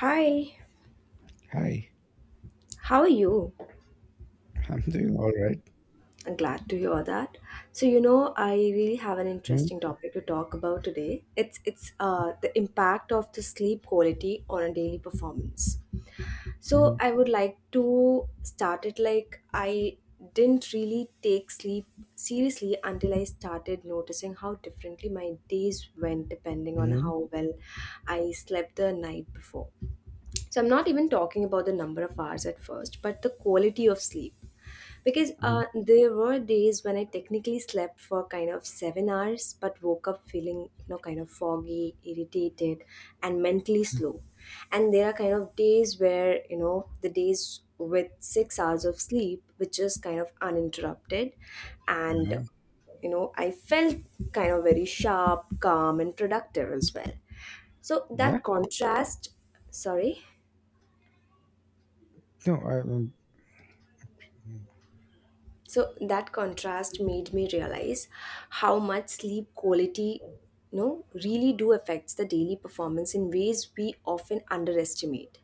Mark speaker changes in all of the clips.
Speaker 1: Hi,
Speaker 2: Hi,
Speaker 1: how are you?
Speaker 2: I'm doing all right.
Speaker 1: I'm glad to hear that. I really have an
Speaker 2: Mhm,
Speaker 1: interesting topic to talk about today. It's the impact of the sleep quality on a daily performance. So
Speaker 2: mhm,
Speaker 1: I would like to start it like I didn't really take sleep seriously until I started noticing how differently my days went depending on
Speaker 2: mhm,
Speaker 1: how well I slept the night before. So I'm not even talking about the number of hours at first, but the quality of sleep. Because
Speaker 2: mhm,
Speaker 1: there were days when I technically slept for kind of 7 hours, but woke up feeling kind of foggy, irritated, and mentally
Speaker 2: mhm,
Speaker 1: slow. And there are kind of days where the days with 6 hours of sleep, which is kind of uninterrupted, and
Speaker 2: uh-huh.
Speaker 1: I felt kind of very sharp, calm, and productive as well. So
Speaker 2: Yeah,
Speaker 1: that contrast, sorry,
Speaker 2: no,
Speaker 1: so that contrast made me realize how much sleep quality really do affects the daily performance in ways we often underestimate.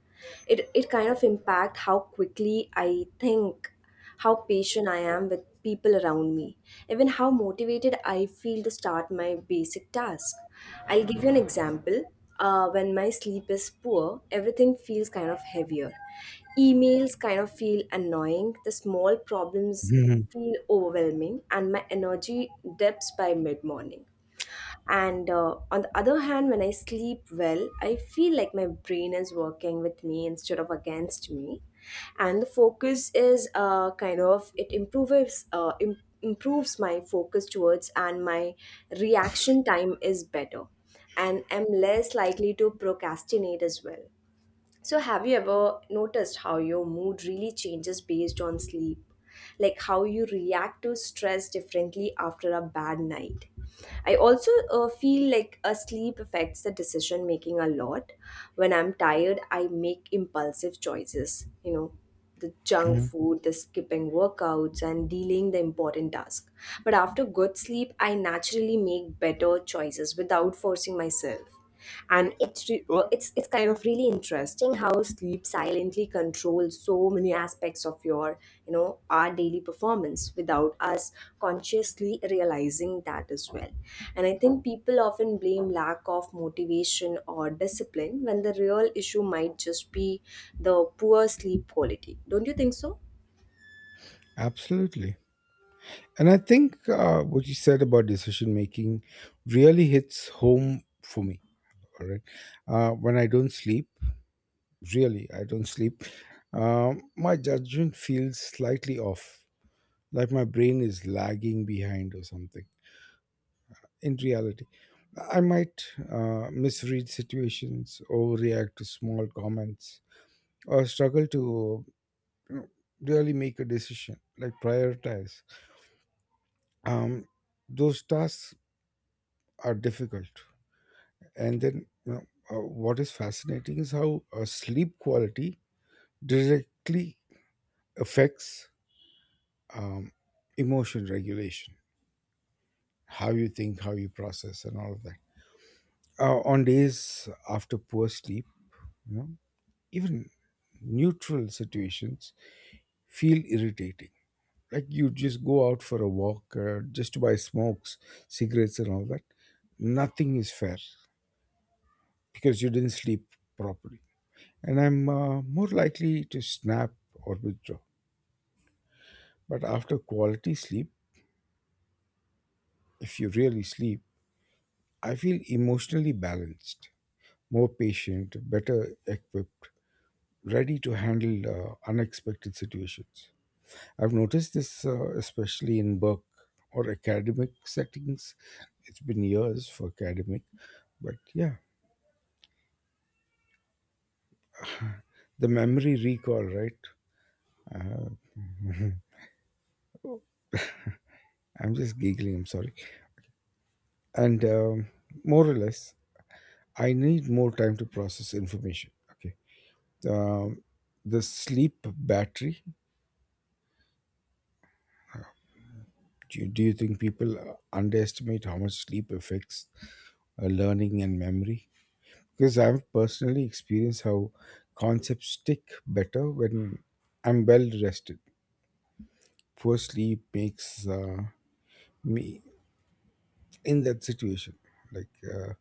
Speaker 1: It kind of impact how quickly I think, how patient I am with people around me, even how motivated I feel to start my basic task. I'll give you an example. When my sleep is poor, everything feels kind of heavier. Emails kind of feel annoying, the small problems
Speaker 2: mhm,
Speaker 1: feel overwhelming, and my energy dips by mid morning. And on the other hand, when I sleep well, I feel like my brain is working with me instead of against me, and the focus is kind of it improves im- improves my focus towards, and my reaction time is better, and I'm less likely to procrastinate as well. So, have you ever noticed how your mood really changes based on sleep? Like how you react to stress differently after a bad night. I also feel like a sleep affects the decision making a lot. When I'm tired, I make impulsive choices, you know, the junk
Speaker 2: mhm.
Speaker 1: food, the skipping workouts, and delaying the important task. But after good sleep, I naturally make better choices without forcing myself. And it's kind of really interesting how sleep silently controls so many aspects of your, our daily performance without us consciously realizing that as well. And I think people often blame lack of motivation or discipline when the real issue might just be the poor sleep quality, don't you think so?
Speaker 2: Absolutely. And I think what you said about decision making really hits home for me. All right, when I don't sleep, really, I don't sleep. My judgment feels slightly off, like my brain is lagging behind or something in reality. I might misread situations, overreact to small comments, or struggle to you know, really make a decision, like prioritize. Um, those tasks are difficult. And then, you know, what is fascinating is how sleep quality directly affects um, emotion regulation, how you think, how you process, and all of that. On days after poor sleep, you know, even neutral situations feel irritating. Like you just go out for a walk just to buy smokes, cigarettes, and all that. Nothing is fair because you didn't sleep properly. And I'm more likely to snap or withdraw. But after quality sleep, if you really sleep, I feel emotionally balanced, more patient, better equipped, ready to handle unexpected situations. I've noticed this especially in work or academic settings. It's been years for academic, but yeah, the memory recall, right? Uh, I'm just giggling, I'm sorry. And more or less, I need more time to process information. Okay. Um, the sleep battery, do you think people underestimate how much sleep affects learning and memory? Because I've personally experienced how concepts stick better when I'm well rested. Poor sleep makes me in that situation. Like uh,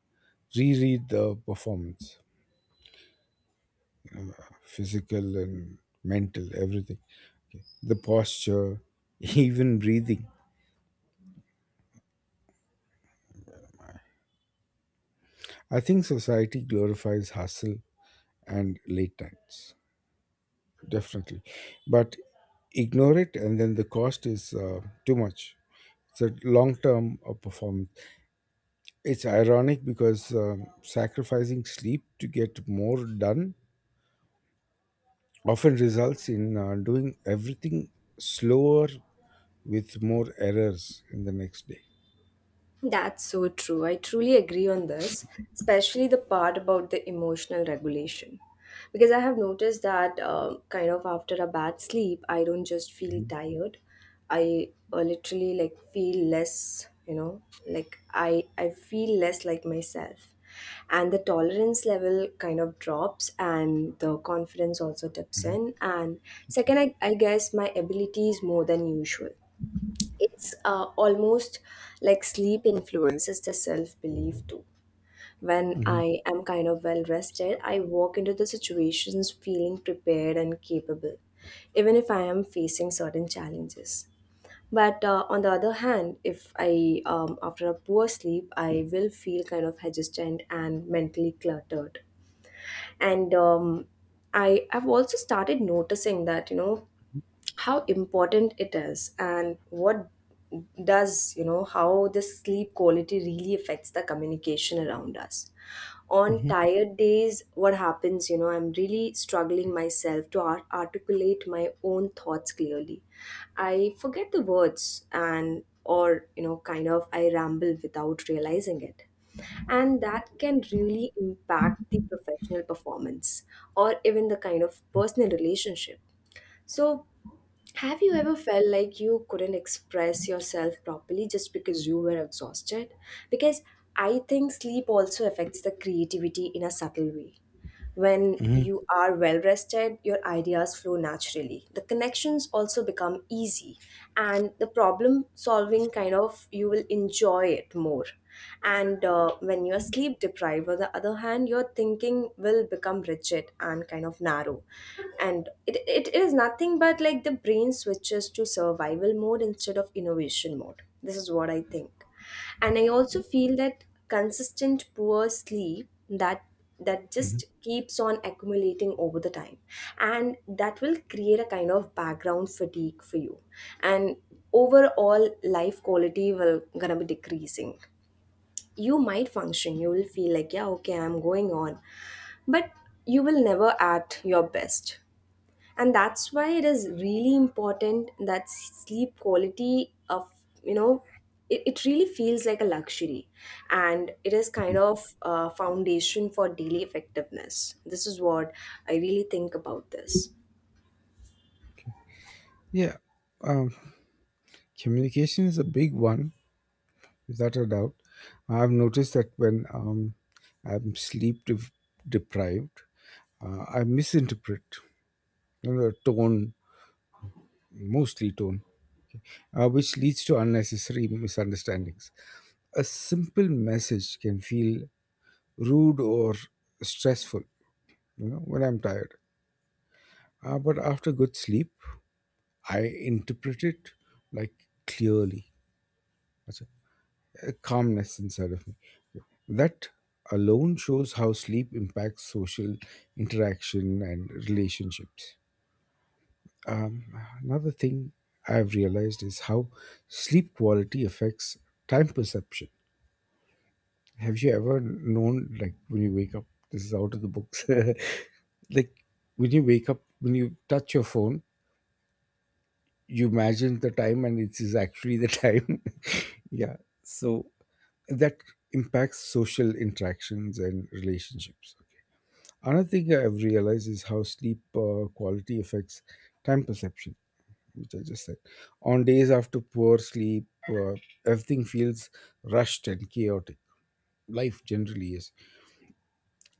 Speaker 2: reread the performance, physical and mental, everything. Okay. The posture, even breathing. I think society glorifies hustle and late nights. Definitely. But ignore it, and then the cost is too much. It's a long term performance. It's ironic because sacrificing sleep to get more done often results in doing everything slower with more errors in the next day.
Speaker 1: That's so true. I truly agree on this, especially the part about the emotional regulation. Because I have noticed that, kind of, after a bad sleep, I don't just feel
Speaker 2: Mhm,
Speaker 1: tired. I literally like feel less, you know, like I feel less like myself, and the tolerance level kind of drops, and the confidence also dips
Speaker 2: mhm.
Speaker 1: in. And second, I guess my ability is more than usual. It's almost like sleep influences the self belief too. When
Speaker 2: Mhm,
Speaker 1: I am kind of well rested, I walk into the situations feeling prepared and capable, even if I am facing certain challenges. But on the other hand, if I, after a poor sleep, I will feel kind of hesitant and mentally cluttered. And I have also started noticing that, how important it is, and what does, how the sleep quality really affects the communication around us. On
Speaker 2: mhm,
Speaker 1: tired days, what happens, I'm really struggling myself to articulate my own thoughts clearly. I forget the words, and or kind of I ramble without realizing it, and that can really impact the professional performance or even the kind of personal relationship. So have you ever felt like you couldn't express yourself properly just because you were exhausted? Because I think sleep also affects the creativity in a subtle way. When
Speaker 2: mhm,
Speaker 1: you are well rested, your ideas flow naturally. The connections also become easy, and the problem solving, kind of, you will enjoy it more. And when you are sleep deprived, on the other hand, your thinking will become rigid and kind of narrow. And it is nothing but like the brain switches to survival mode instead of innovation mode. This is what I think. And I also feel that consistent poor sleep that
Speaker 2: mhm,
Speaker 1: just keeps on accumulating over the time, and that will create a kind of background fatigue for you, and overall life quality will gonna be decreasing. You might function, you will feel like, yeah, okay, I'm going on, but you will never at your best. And that's why it is really important that sleep quality of, you know it really feels like a luxury, and it is kind
Speaker 2: mhm.
Speaker 1: of a foundation for daily effectiveness. This is what I really think about this.
Speaker 2: Yeah, um, communication is a big one. Without a doubt, I've noticed that when I'm sleep deprived, I misinterpret, you know, tone, mostly tone, which leads to unnecessary misunderstandings. A simple message can feel rude or stressful, you know, when I'm tired. But after good sleep, I interpret it like clearly. A calmness inside of me. That alone shows how sleep impacts social interaction and relationships. Um, Another thing I've realized is how sleep quality affects time perception. Have you ever known, like, when you wake up? This is out of the books. Like, when you wake up, when you touch your phone, you imagine the time and it is actually the time. Yeah. So that impacts social interactions and relationships. Okay. Another thing I've realized is how sleep quality affects time perception, which I just said. On days after poor sleep, everything feels rushed and chaotic. Life generally is.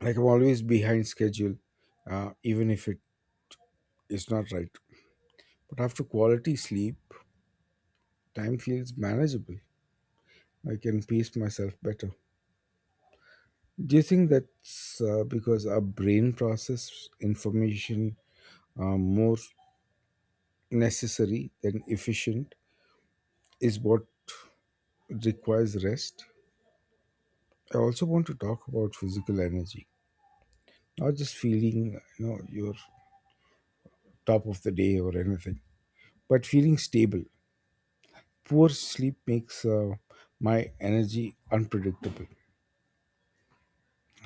Speaker 2: Like I'm always behind schedule, even if it is not right. But after quality sleep, time feels manageable. I can pace myself better. Do you think that's because our brain process information more necessary than efficient is what requires rest? I also want to talk about physical energy, not just feeling you know you're top of the day or anything, but feeling stable. Poor sleep makes my energy unpredictable.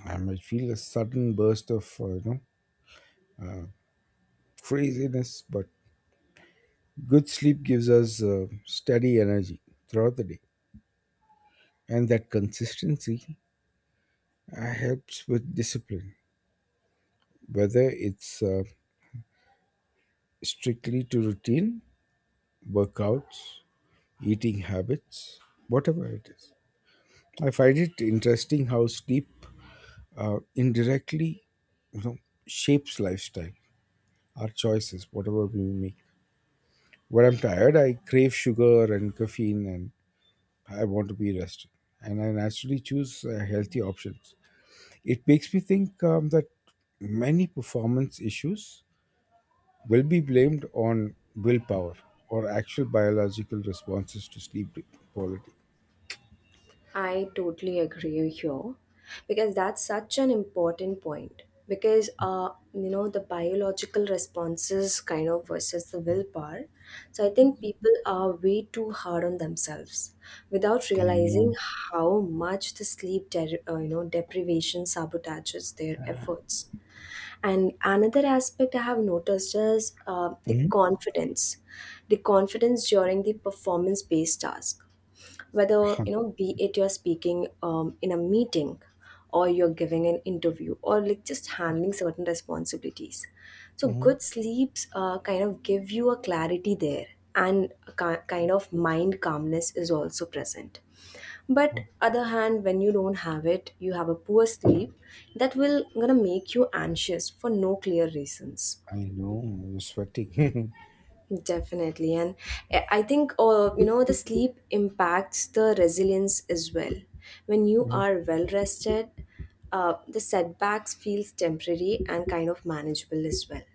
Speaker 2: I might feel a sudden burst of you know craziness, but good sleep gives us steady energy throughout the day. And that consistency helps with discipline, whether it's strictly to routine, workouts, eating habits, whatever it is. I find it interesting how sleep indirectly, you know, shapes lifestyle, our choices, whatever we make. When I'm tired, I crave sugar and caffeine, and I want to be rested, and I naturally choose healthy options. It makes me think that many performance issues will be blamed on willpower or actual biological responses to sleep de- quality.
Speaker 1: I totally agree here because that's such an important point. Because, the biological responses kind of versus the willpower. So I think people are way too hard on themselves without
Speaker 2: I
Speaker 1: realizing
Speaker 2: know.
Speaker 1: how much the sleep, de- you know, deprivation sabotages their efforts. And another aspect I have noticed is
Speaker 2: Mhm,
Speaker 1: the confidence during the performance-based task, whether be it you're speaking in a meeting, or you're giving an interview, or like just handling certain responsibilities. So
Speaker 2: mhm,
Speaker 1: good sleeps kind of give you a clarity there, and a kind of mind calmness is also present. But
Speaker 2: mhm.
Speaker 1: other hand, when you don't have it, you have a poor sleep, that will gonna make you anxious for no clear reasons.
Speaker 2: I know. You're sweating.
Speaker 1: Definitely. And I think the sleep impacts the resilience as well. When you
Speaker 2: Mhm,
Speaker 1: are well rested, the setbacks feels temporary and kind of manageable as well.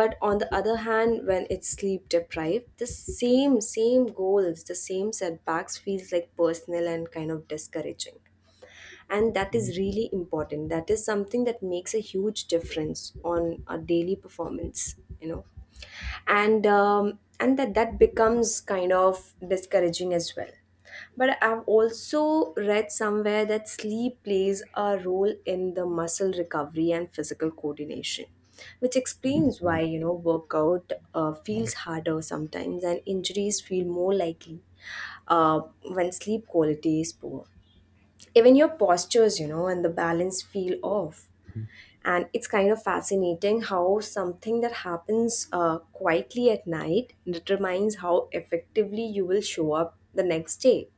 Speaker 1: But on the other hand, when it's sleep deprived, the same goals, the same setbacks feels like personal and kind of discouraging. And that is
Speaker 2: mhm.
Speaker 1: really important. That is something that makes a huge difference on a daily performance, you know. And that becomes kind of discouraging as well. But I've also read somewhere that sleep plays a role in the muscle recovery and physical coordination, which
Speaker 2: I don't
Speaker 1: explains why
Speaker 2: know.
Speaker 1: workout
Speaker 2: Mhm,
Speaker 1: feels harder sometimes, and injuries feel more likely. Uh, when sleep quality is poor, even your postures, and the balance feel off. And it's kind of fascinating how something that happens quietly at night determines how effectively you will show up the next day.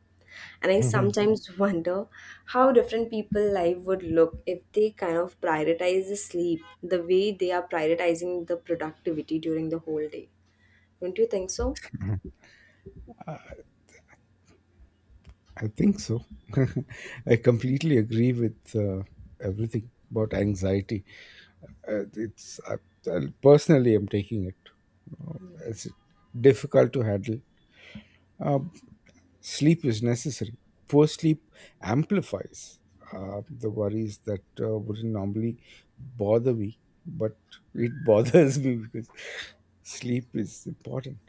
Speaker 1: And I
Speaker 2: mhm.
Speaker 1: sometimes wonder how different people life would look if they kind of prioritize the sleep the way they are prioritizing the productivity during the whole day. Don't you think so?
Speaker 2: I think so. I completely agree with everything about anxiety. Uh, it's I, I personally, I'm taking it. It's difficult to handle. Uh, Sleep is necessary. Poor sleep amplifies the worries that wouldn't normally bother me, but it bothers me because sleep is important.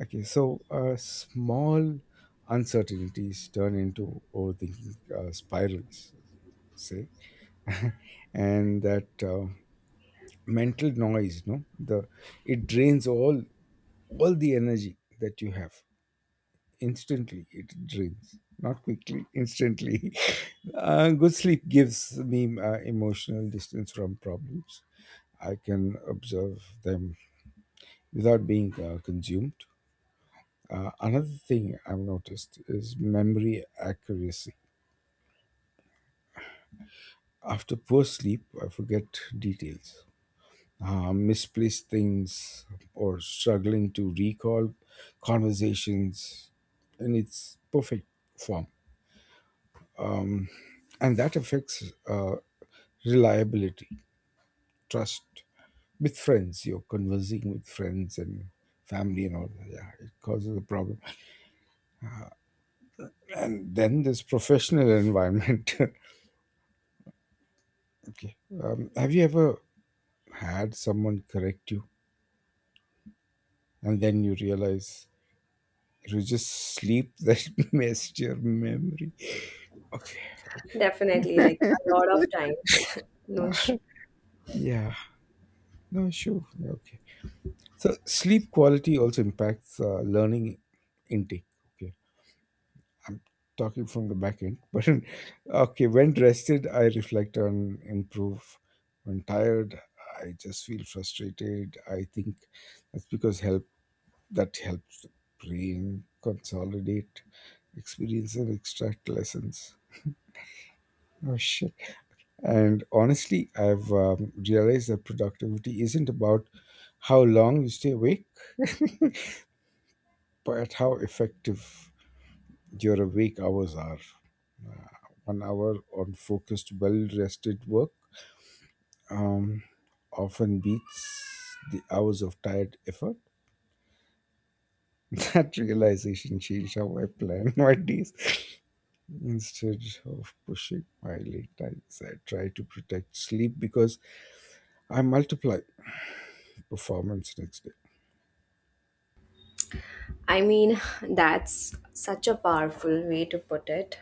Speaker 2: Okay, so small uncertainties turn into overthinking spirals, say, and that mental noise, no, the it drains all the energy that you have. Instantly it drains, not quickly, instantly. Good sleep gives me emotional distance from problems. I can observe them without being consumed. Another thing I've noticed is memory accuracy. After poor sleep I forget details, misplaced things, or struggling to recall conversations in its perfect form. And that affects uh, reliability, trust with friends. You're conversing with friends and family and all that. Yeah, it causes a problem. And then there's professional environment. Okay. Have you ever had someone correct you and then you realize it was just sleep that messed your memory? Okay.
Speaker 1: Definitely, like a lot of times. no sh-
Speaker 2: Yeah. No, sure. Yeah, okay. So sleep quality also impacts learning intake. Okay. Talking from the back end. But okay, when rested, I reflect on improve. When tired, I just feel frustrated. I think that's because help that helps the brain consolidate, experience, and extract lessons. Oh shit! And honestly, I've realized that productivity isn't about how long you stay awake, but how effective your awake hours are. One hour on focused, well rested work um, often beats the hours of tired effort. That realization changed how I plan my days. Instead of pushing my late nights, I try to protect sleep because I multiply performance next day.
Speaker 1: I mean, that's such a powerful way to put it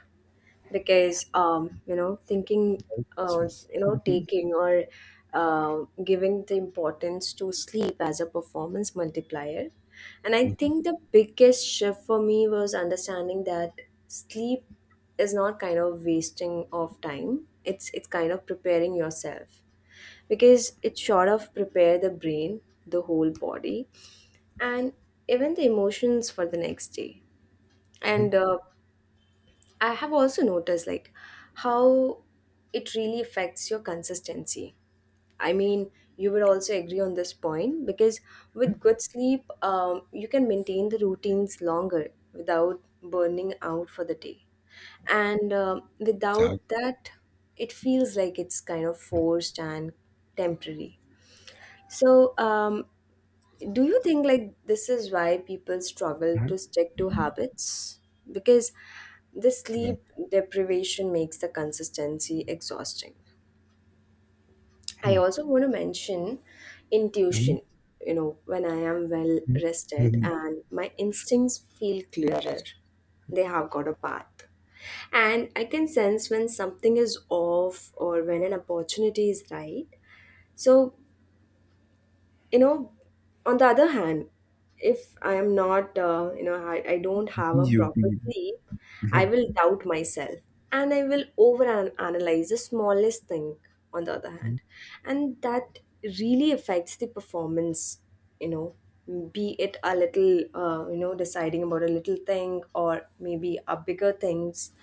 Speaker 1: because,
Speaker 2: Right?
Speaker 1: uh,
Speaker 2: Christmas.
Speaker 1: taking or giving the importance to sleep as a performance multiplier. And I think the biggest shift for me was understanding that sleep is not kind of wasting of time. It's kind of preparing yourself, because it sort of prepare the brain, the whole body, and even the emotions for the next day. And
Speaker 2: Mhm.
Speaker 1: I have also noticed like how it really affects your consistency. I mean, you would also agree on this point because with good sleep, you can maintain the routines longer without burning out for the day. And without
Speaker 2: Chal-
Speaker 1: that, it feels like it's kind of forced and temporary. So, do you think like this is why people struggle
Speaker 2: Mhm.
Speaker 1: to stick to habits? Because the
Speaker 2: Then-
Speaker 1: sleep deprivation makes the consistency exhausting. I
Speaker 2: Mhm.
Speaker 1: also want to mention
Speaker 2: Mhm.
Speaker 1: intuition. You know, when I am well rested
Speaker 2: Mhm.
Speaker 1: and my instincts feel clearer, they have got a path. And I can sense when something is off or when an opportunity is right. So, you know on the other hand, if I am not, I don't
Speaker 2: Mhm.
Speaker 1: have
Speaker 2: Be
Speaker 1: a
Speaker 2: you, be
Speaker 1: proper
Speaker 2: you.
Speaker 1: sleep, I
Speaker 2: Mhm.
Speaker 1: will doubt myself, and I will over analyze the smallest thing on the other
Speaker 2: Mhm.
Speaker 1: hand, and that really affects the performance, you know, be it a little, deciding about a little thing, or maybe a bigger things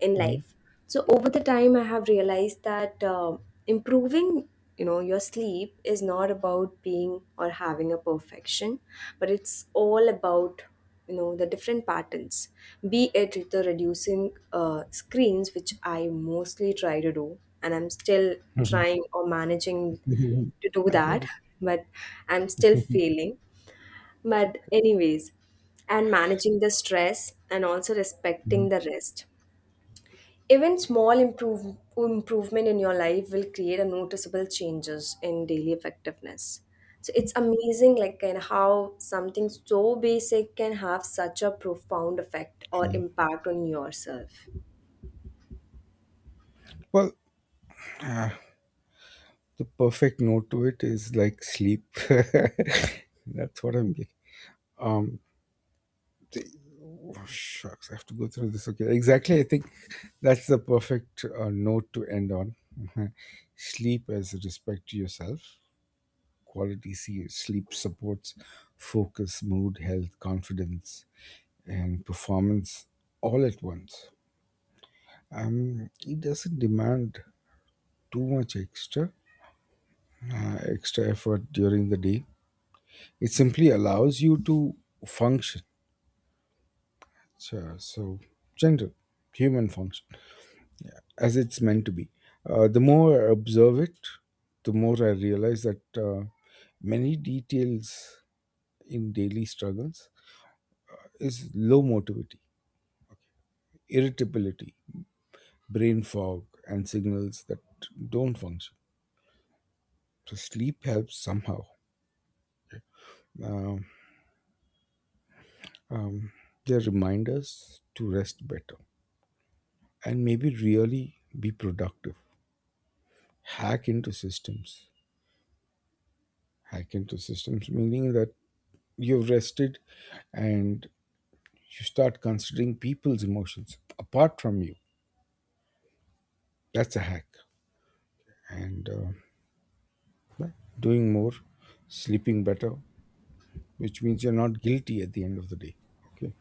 Speaker 1: in life. So over the time, I have realized that, improving, your sleep is not about being or having a perfection, but it's all about, the different patterns, be it the reducing screens, which I mostly try to do and I'm still
Speaker 2: Mhm.
Speaker 1: trying or managing
Speaker 2: Mhm.
Speaker 1: to do
Speaker 2: I get
Speaker 1: that,
Speaker 2: it.
Speaker 1: but I'm still failing. But, anyways, and managing the stress, and also respecting
Speaker 2: Mhm.
Speaker 1: the rest. Even small improvement in your life will create a noticeable changes in daily effectiveness. So it's amazing, like, and how something so basic can have such a profound effect or impact on yourself.
Speaker 2: Well, uh, The perfect note to it is like sleep. That's what I'm getting. Um, th- Shucks, I have to go through this. Okay, exactly. I think that's the perfect note to end on. Mhm. Sleep as a respect to yourself. Quality sleep supports focus, mood, health, confidence, and performance all at once. It doesn't demand too much extra effort during the day. It simply allows you to function. So, general human function as it's meant to be. The more I observe it, the more I realize that many details in daily struggles is low motivity, irritability, brain fog, and signals that don't function. So sleep helps somehow. Um, um, they're reminders to rest better and maybe really be productive. Hack into systems, hack into systems, meaning that you've rested and you start considering people's emotions apart from you. That's a hack. and uh, yeah, Doing more, sleeping better, which means you're not guilty at the end of the day. Okay.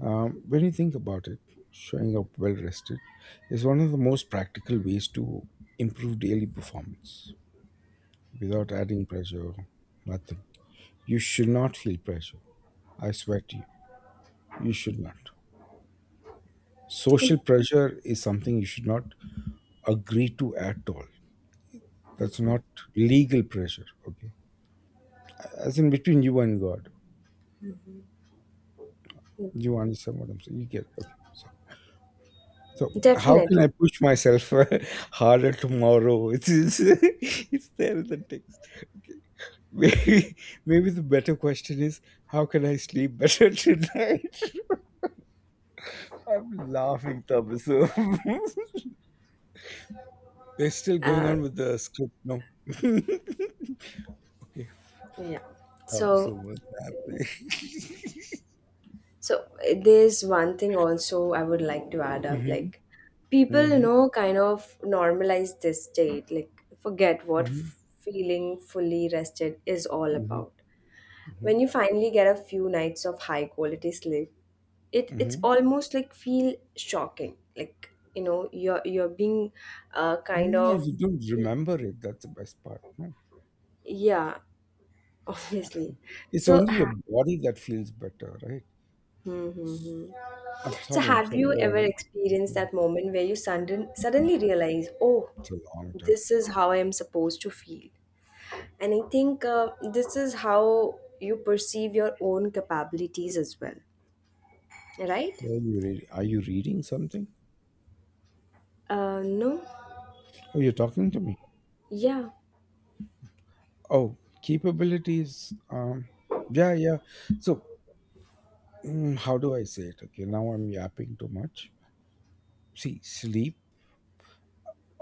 Speaker 2: When you think about it, showing up well rested is one of the most practical ways to improve daily performance without adding pressure. Nothing. You should not feel pressure. I swear to you, you should not. Social pressure is something you should not agree to at all. That's not legal pressure. Okay. As in between you and God. You understand what I'm saying? You get it. Okay. So, how can
Speaker 1: Definitely,
Speaker 2: I push myself harder tomorrow? It's there in the text. Okay. Maybe, Maybe the better question is, how can I sleep better tonight? I'm laughing, Thomas. They're still going
Speaker 1: uh,
Speaker 2: on with the script, no? Okay.
Speaker 1: yeah.
Speaker 2: Of
Speaker 1: So
Speaker 2: so what's happening.
Speaker 1: So, there's one thing also I would like to add up,
Speaker 2: Mhm,
Speaker 1: like
Speaker 2: mm
Speaker 1: people, you
Speaker 2: mhm,
Speaker 1: know, kind of normalize this state, like forget what
Speaker 2: mm
Speaker 1: f- feeling fully rested is all
Speaker 2: mhm, mm
Speaker 1: about.
Speaker 2: mhm,
Speaker 1: When you finally get a few nights of high quality sleep, it
Speaker 2: mm
Speaker 1: it's
Speaker 2: mhm.
Speaker 1: almost like feel shocking, like you know you're being kind
Speaker 2: No,
Speaker 1: of
Speaker 2: you don't
Speaker 1: y-
Speaker 2: remember it. That's the best part. No?
Speaker 1: yeah obviously.
Speaker 2: It's
Speaker 1: so
Speaker 2: only your
Speaker 1: ha-
Speaker 2: body that feels better, right?
Speaker 1: hmm, hmm, hmm.
Speaker 2: I'm
Speaker 1: So,
Speaker 2: sorry. I'm
Speaker 1: have
Speaker 2: sorry.
Speaker 1: you ever experienced
Speaker 2: Okay.
Speaker 1: that moment where you suddenly realize, oh,
Speaker 2: It's a long time.
Speaker 1: this is how I am supposed to feel? And I think this is how you perceive your own capabilities as well, right?
Speaker 2: Are you reading something?
Speaker 1: No?
Speaker 2: Oh, you're talking to me.
Speaker 1: Yeah.
Speaker 2: Oh, capabilities. Yeah, yeah. So, how do I say it? Okay, now I'm yapping too much. See, sleep,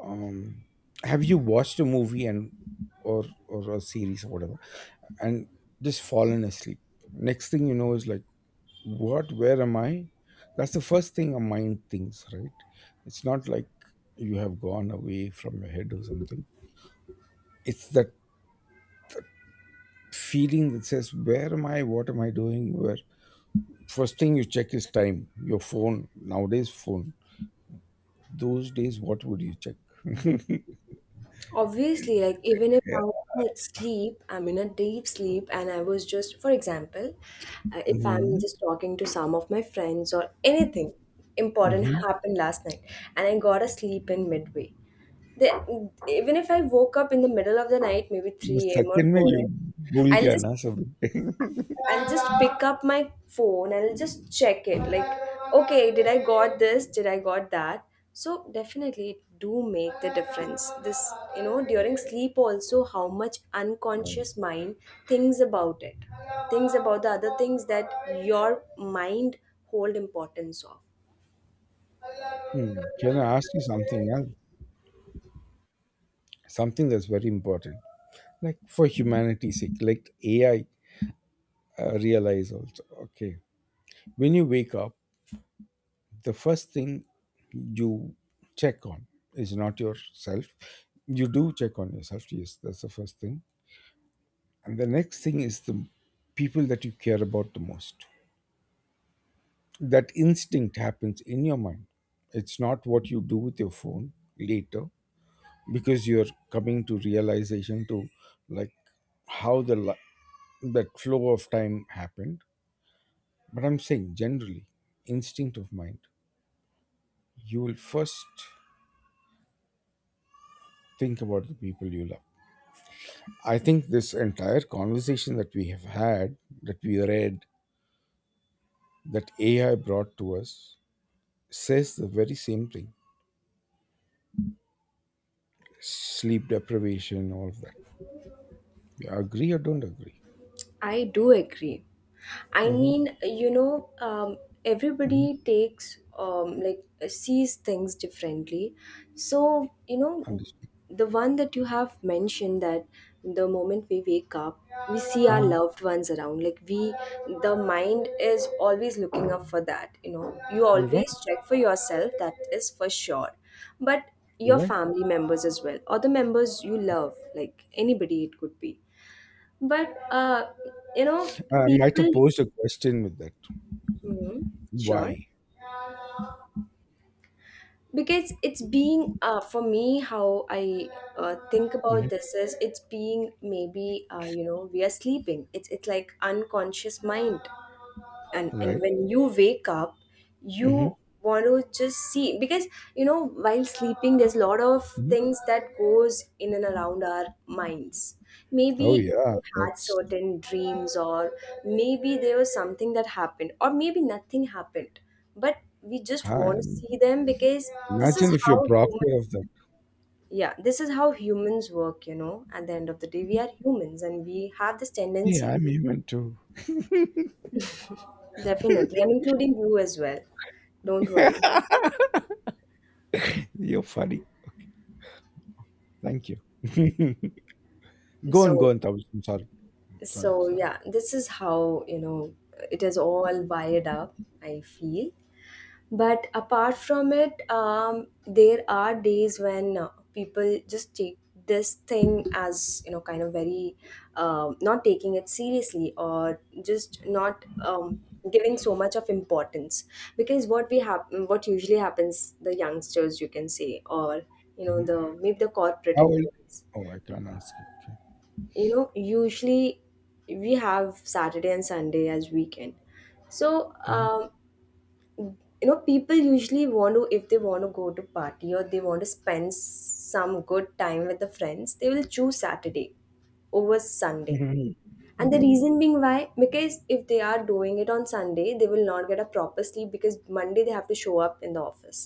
Speaker 2: um have you watched a movie and or a series or whatever, and just fallen asleep? Next thing you know is like, what, where am I? That's the first thing a mind thinks, right? It's not like you have gone away from your head or something. It's that feeling that says, where am I, what am I doing, where? First thing you check is time, your phone, nowadays phone. Those days what would you check?
Speaker 1: Obviously, like even if
Speaker 2: Yeah.
Speaker 1: I'm at sleep, I'm in a deep sleep, and I was just, for example, if I'm
Speaker 2: Hmm.
Speaker 1: just talking to some of my friends or anything important happened last night, and I got a sleep in midway. Then even if I woke up in the middle of the night, maybe
Speaker 2: वो
Speaker 1: 3 a.m. or
Speaker 2: second में
Speaker 1: 4
Speaker 2: you
Speaker 1: a.m.,
Speaker 2: भूल
Speaker 1: I'll
Speaker 2: गया
Speaker 1: just
Speaker 2: ना सब.
Speaker 1: I'll just pick up my phone and I'll just check it, like okay, did I got this, did I got that? So definitely it do make the difference, this, you know, during sleep also how much
Speaker 2: Um,
Speaker 1: unconscious mind thinks about it, thinks about the other things that your mind hold importance of.
Speaker 2: Hmm. Can I ask you something else? Something that's very important, like for humanity's sake, like AI realize also. Okay, when you wake up, the first thing you check on is not yourself. You do check on yourself. Yes, that's the first thing, and the next thing is the people that you care about the most. That instinct happens in your mind. It's not what you do with your phone later because you're coming to realization to, like, how that flow of time happened. But I'm saying generally, instinct of mind, you will first think about the people you love. I think this entire conversation that we have had, that we read, that AI brought to us, says the very same thing. Sleep deprivation, all of that. You agree or don't agree?
Speaker 1: I do agree. I
Speaker 2: Hmm.
Speaker 1: mean,
Speaker 2: Hmm,
Speaker 1: everybody takes like sees things differently. So
Speaker 2: understood.
Speaker 1: the one that you have mentioned, that the moment we wake up, we see our
Speaker 2: Mhm.
Speaker 1: loved ones around. Like we, the mind is always looking up for that. You know, you
Speaker 2: You're right.
Speaker 1: always check for yourself. That is for sure. But
Speaker 2: You're
Speaker 1: your
Speaker 2: right.
Speaker 1: family members as well, or the members you love, like anybody it could be, but you know,
Speaker 2: I might have
Speaker 1: people.
Speaker 2: posed a question with that.
Speaker 1: Hmm. Sure.
Speaker 2: Why?
Speaker 1: Because it's being for me, how I think
Speaker 2: Hmm.
Speaker 1: about this is, it's being maybe you know, we are sleeping, it's like unconscious mind. And
Speaker 2: Right.
Speaker 1: when you wake up,
Speaker 2: Hmm.
Speaker 1: you want to just see, because you know, while sleeping there's a lot of
Speaker 2: Hmm.
Speaker 1: things that goes in and around our minds. Maybe
Speaker 2: Oh
Speaker 1: we
Speaker 2: yeah,
Speaker 1: had
Speaker 2: that's.
Speaker 1: certain dreams, or maybe there was something that happened, or maybe nothing happened, but we just
Speaker 2: Ah,
Speaker 1: want to see them because this is
Speaker 2: imagine if you're
Speaker 1: how
Speaker 2: proctor
Speaker 1: human
Speaker 2: of that.
Speaker 1: yeah, this is how humans work, you know. At the end of the day, we are humans and we have this
Speaker 2: Yeah,
Speaker 1: tendency.
Speaker 2: I'm human too.
Speaker 1: Definitely I'm including you as well, don't worry.
Speaker 2: You're funny. Thank you. Go on,
Speaker 1: So,
Speaker 2: go on, Tabas. I'm sorry,
Speaker 1: so,
Speaker 2: sorry.
Speaker 1: yeah, this is how, you know, it is all wired up, I feel. But apart from it, there are days when people just take this thing as, you know, kind of very not taking it seriously, or just not, giving so much of importance. Because what we have, what usually happens, the youngsters, you can say, or, you
Speaker 2: Mhm.
Speaker 1: know, the maybe the corporate
Speaker 2: How old?
Speaker 1: employees,
Speaker 2: Oh, I can't ask you. Okay.
Speaker 1: you know, usually we have Saturday and Sunday as weekend. So,
Speaker 2: Mhm.
Speaker 1: you know, people usually want to, if they want to go to party or they want to spend some good time with the friends, they will choose Saturday over Sunday. And the
Speaker 2: Mhm.
Speaker 1: reason being why, because if they are doing it on Sunday, they will not get a proper sleep, because Monday they have to show up in the office.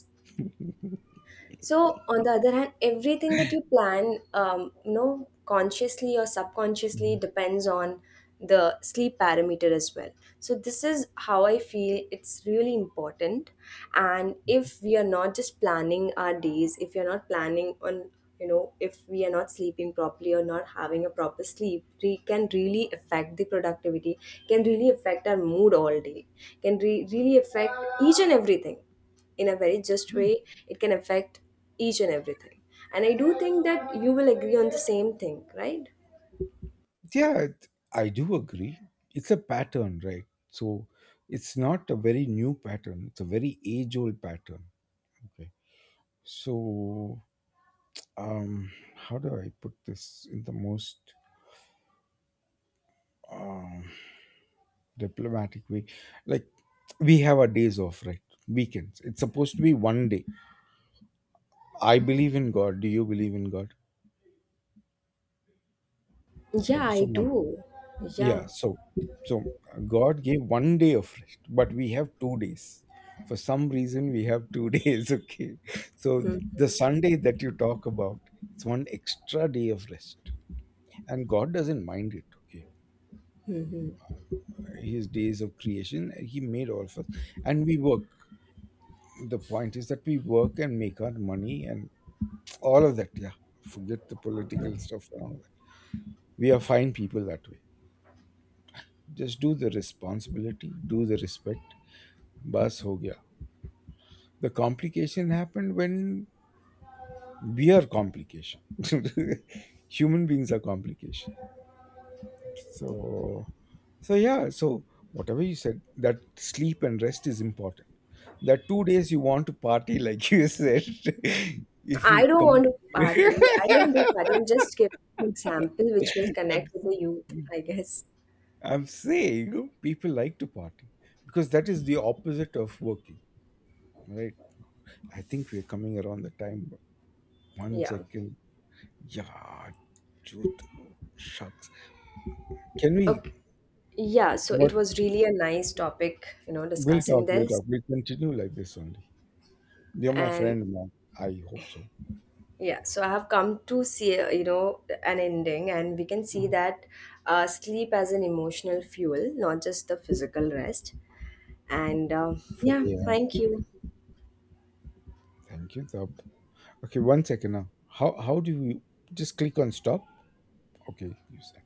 Speaker 1: So, on the other hand, everything that you plan, you know, consciously or subconsciously,
Speaker 2: Mhm.
Speaker 1: depends on the sleep parameter as well. So, this is how I feel it's really important. And if we are not just planning our days, if you're not planning on, you know, if we are not sleeping properly or not having a proper sleep, we can really affect the productivity, can really affect our mood all day, can really affect each and everything in a very just way. It can affect each and everything, and I do think that you will agree on the same thing, right?
Speaker 2: Yeah, I do agree. It's a pattern, right? So it's not a very new pattern. It's a very age-old pattern. Okay. So, how do I put this in the most um diplomatic way, like, we have our days off, right? Weekends, it's supposed to be one day. I believe in God, do you believe in God?
Speaker 1: Yeah, I
Speaker 2: so
Speaker 1: do.
Speaker 2: mom-
Speaker 1: Yeah.
Speaker 2: yeah, so, so God gave one day of rest, but we have two days. For some reason we have two days. Okay. So
Speaker 1: Hmm.
Speaker 2: the Sunday that you talk about, it's one extra day of rest, and God doesn't mind it. Okay. His days of creation, he made all of us, and we work. The point is that we work and make our money and all of that, yeah. Forget the political stuff and all that. We are fine people that way. Just do the responsibility, do the respect. Bas ho gaya. The complication happened when we are complication. Human beings are complication. So, yeah, so whatever you said, that sleep and rest is important. The two days you want to party, like you said, if you
Speaker 1: I don't
Speaker 2: come.
Speaker 1: want to party. I don't want to party, I'm just giving an example which will
Speaker 2: I'm,
Speaker 1: connect with the youth, I guess.
Speaker 2: I'm saying people like to party because that is the opposite of working, right? I think we're coming around the time. But one
Speaker 1: Yeah.
Speaker 2: second. Yeah, dude. Shucks. Can we?
Speaker 1: Okay. Yeah, so
Speaker 2: But
Speaker 1: it was really a nice topic, you know, discussing
Speaker 2: we'll
Speaker 1: this.
Speaker 2: talk. We'll continue like this only. You're my
Speaker 1: And
Speaker 2: friend, man. I hope so.
Speaker 1: yeah, so I have come to see, you know, an ending, and we can see that sleep as an emotional fuel, not just the physical rest. And
Speaker 2: For
Speaker 1: yeah,
Speaker 2: yeah.
Speaker 1: thank you.
Speaker 2: Thank you. Thab. Okay, one second now. How do you just click on stop? Okay, you said.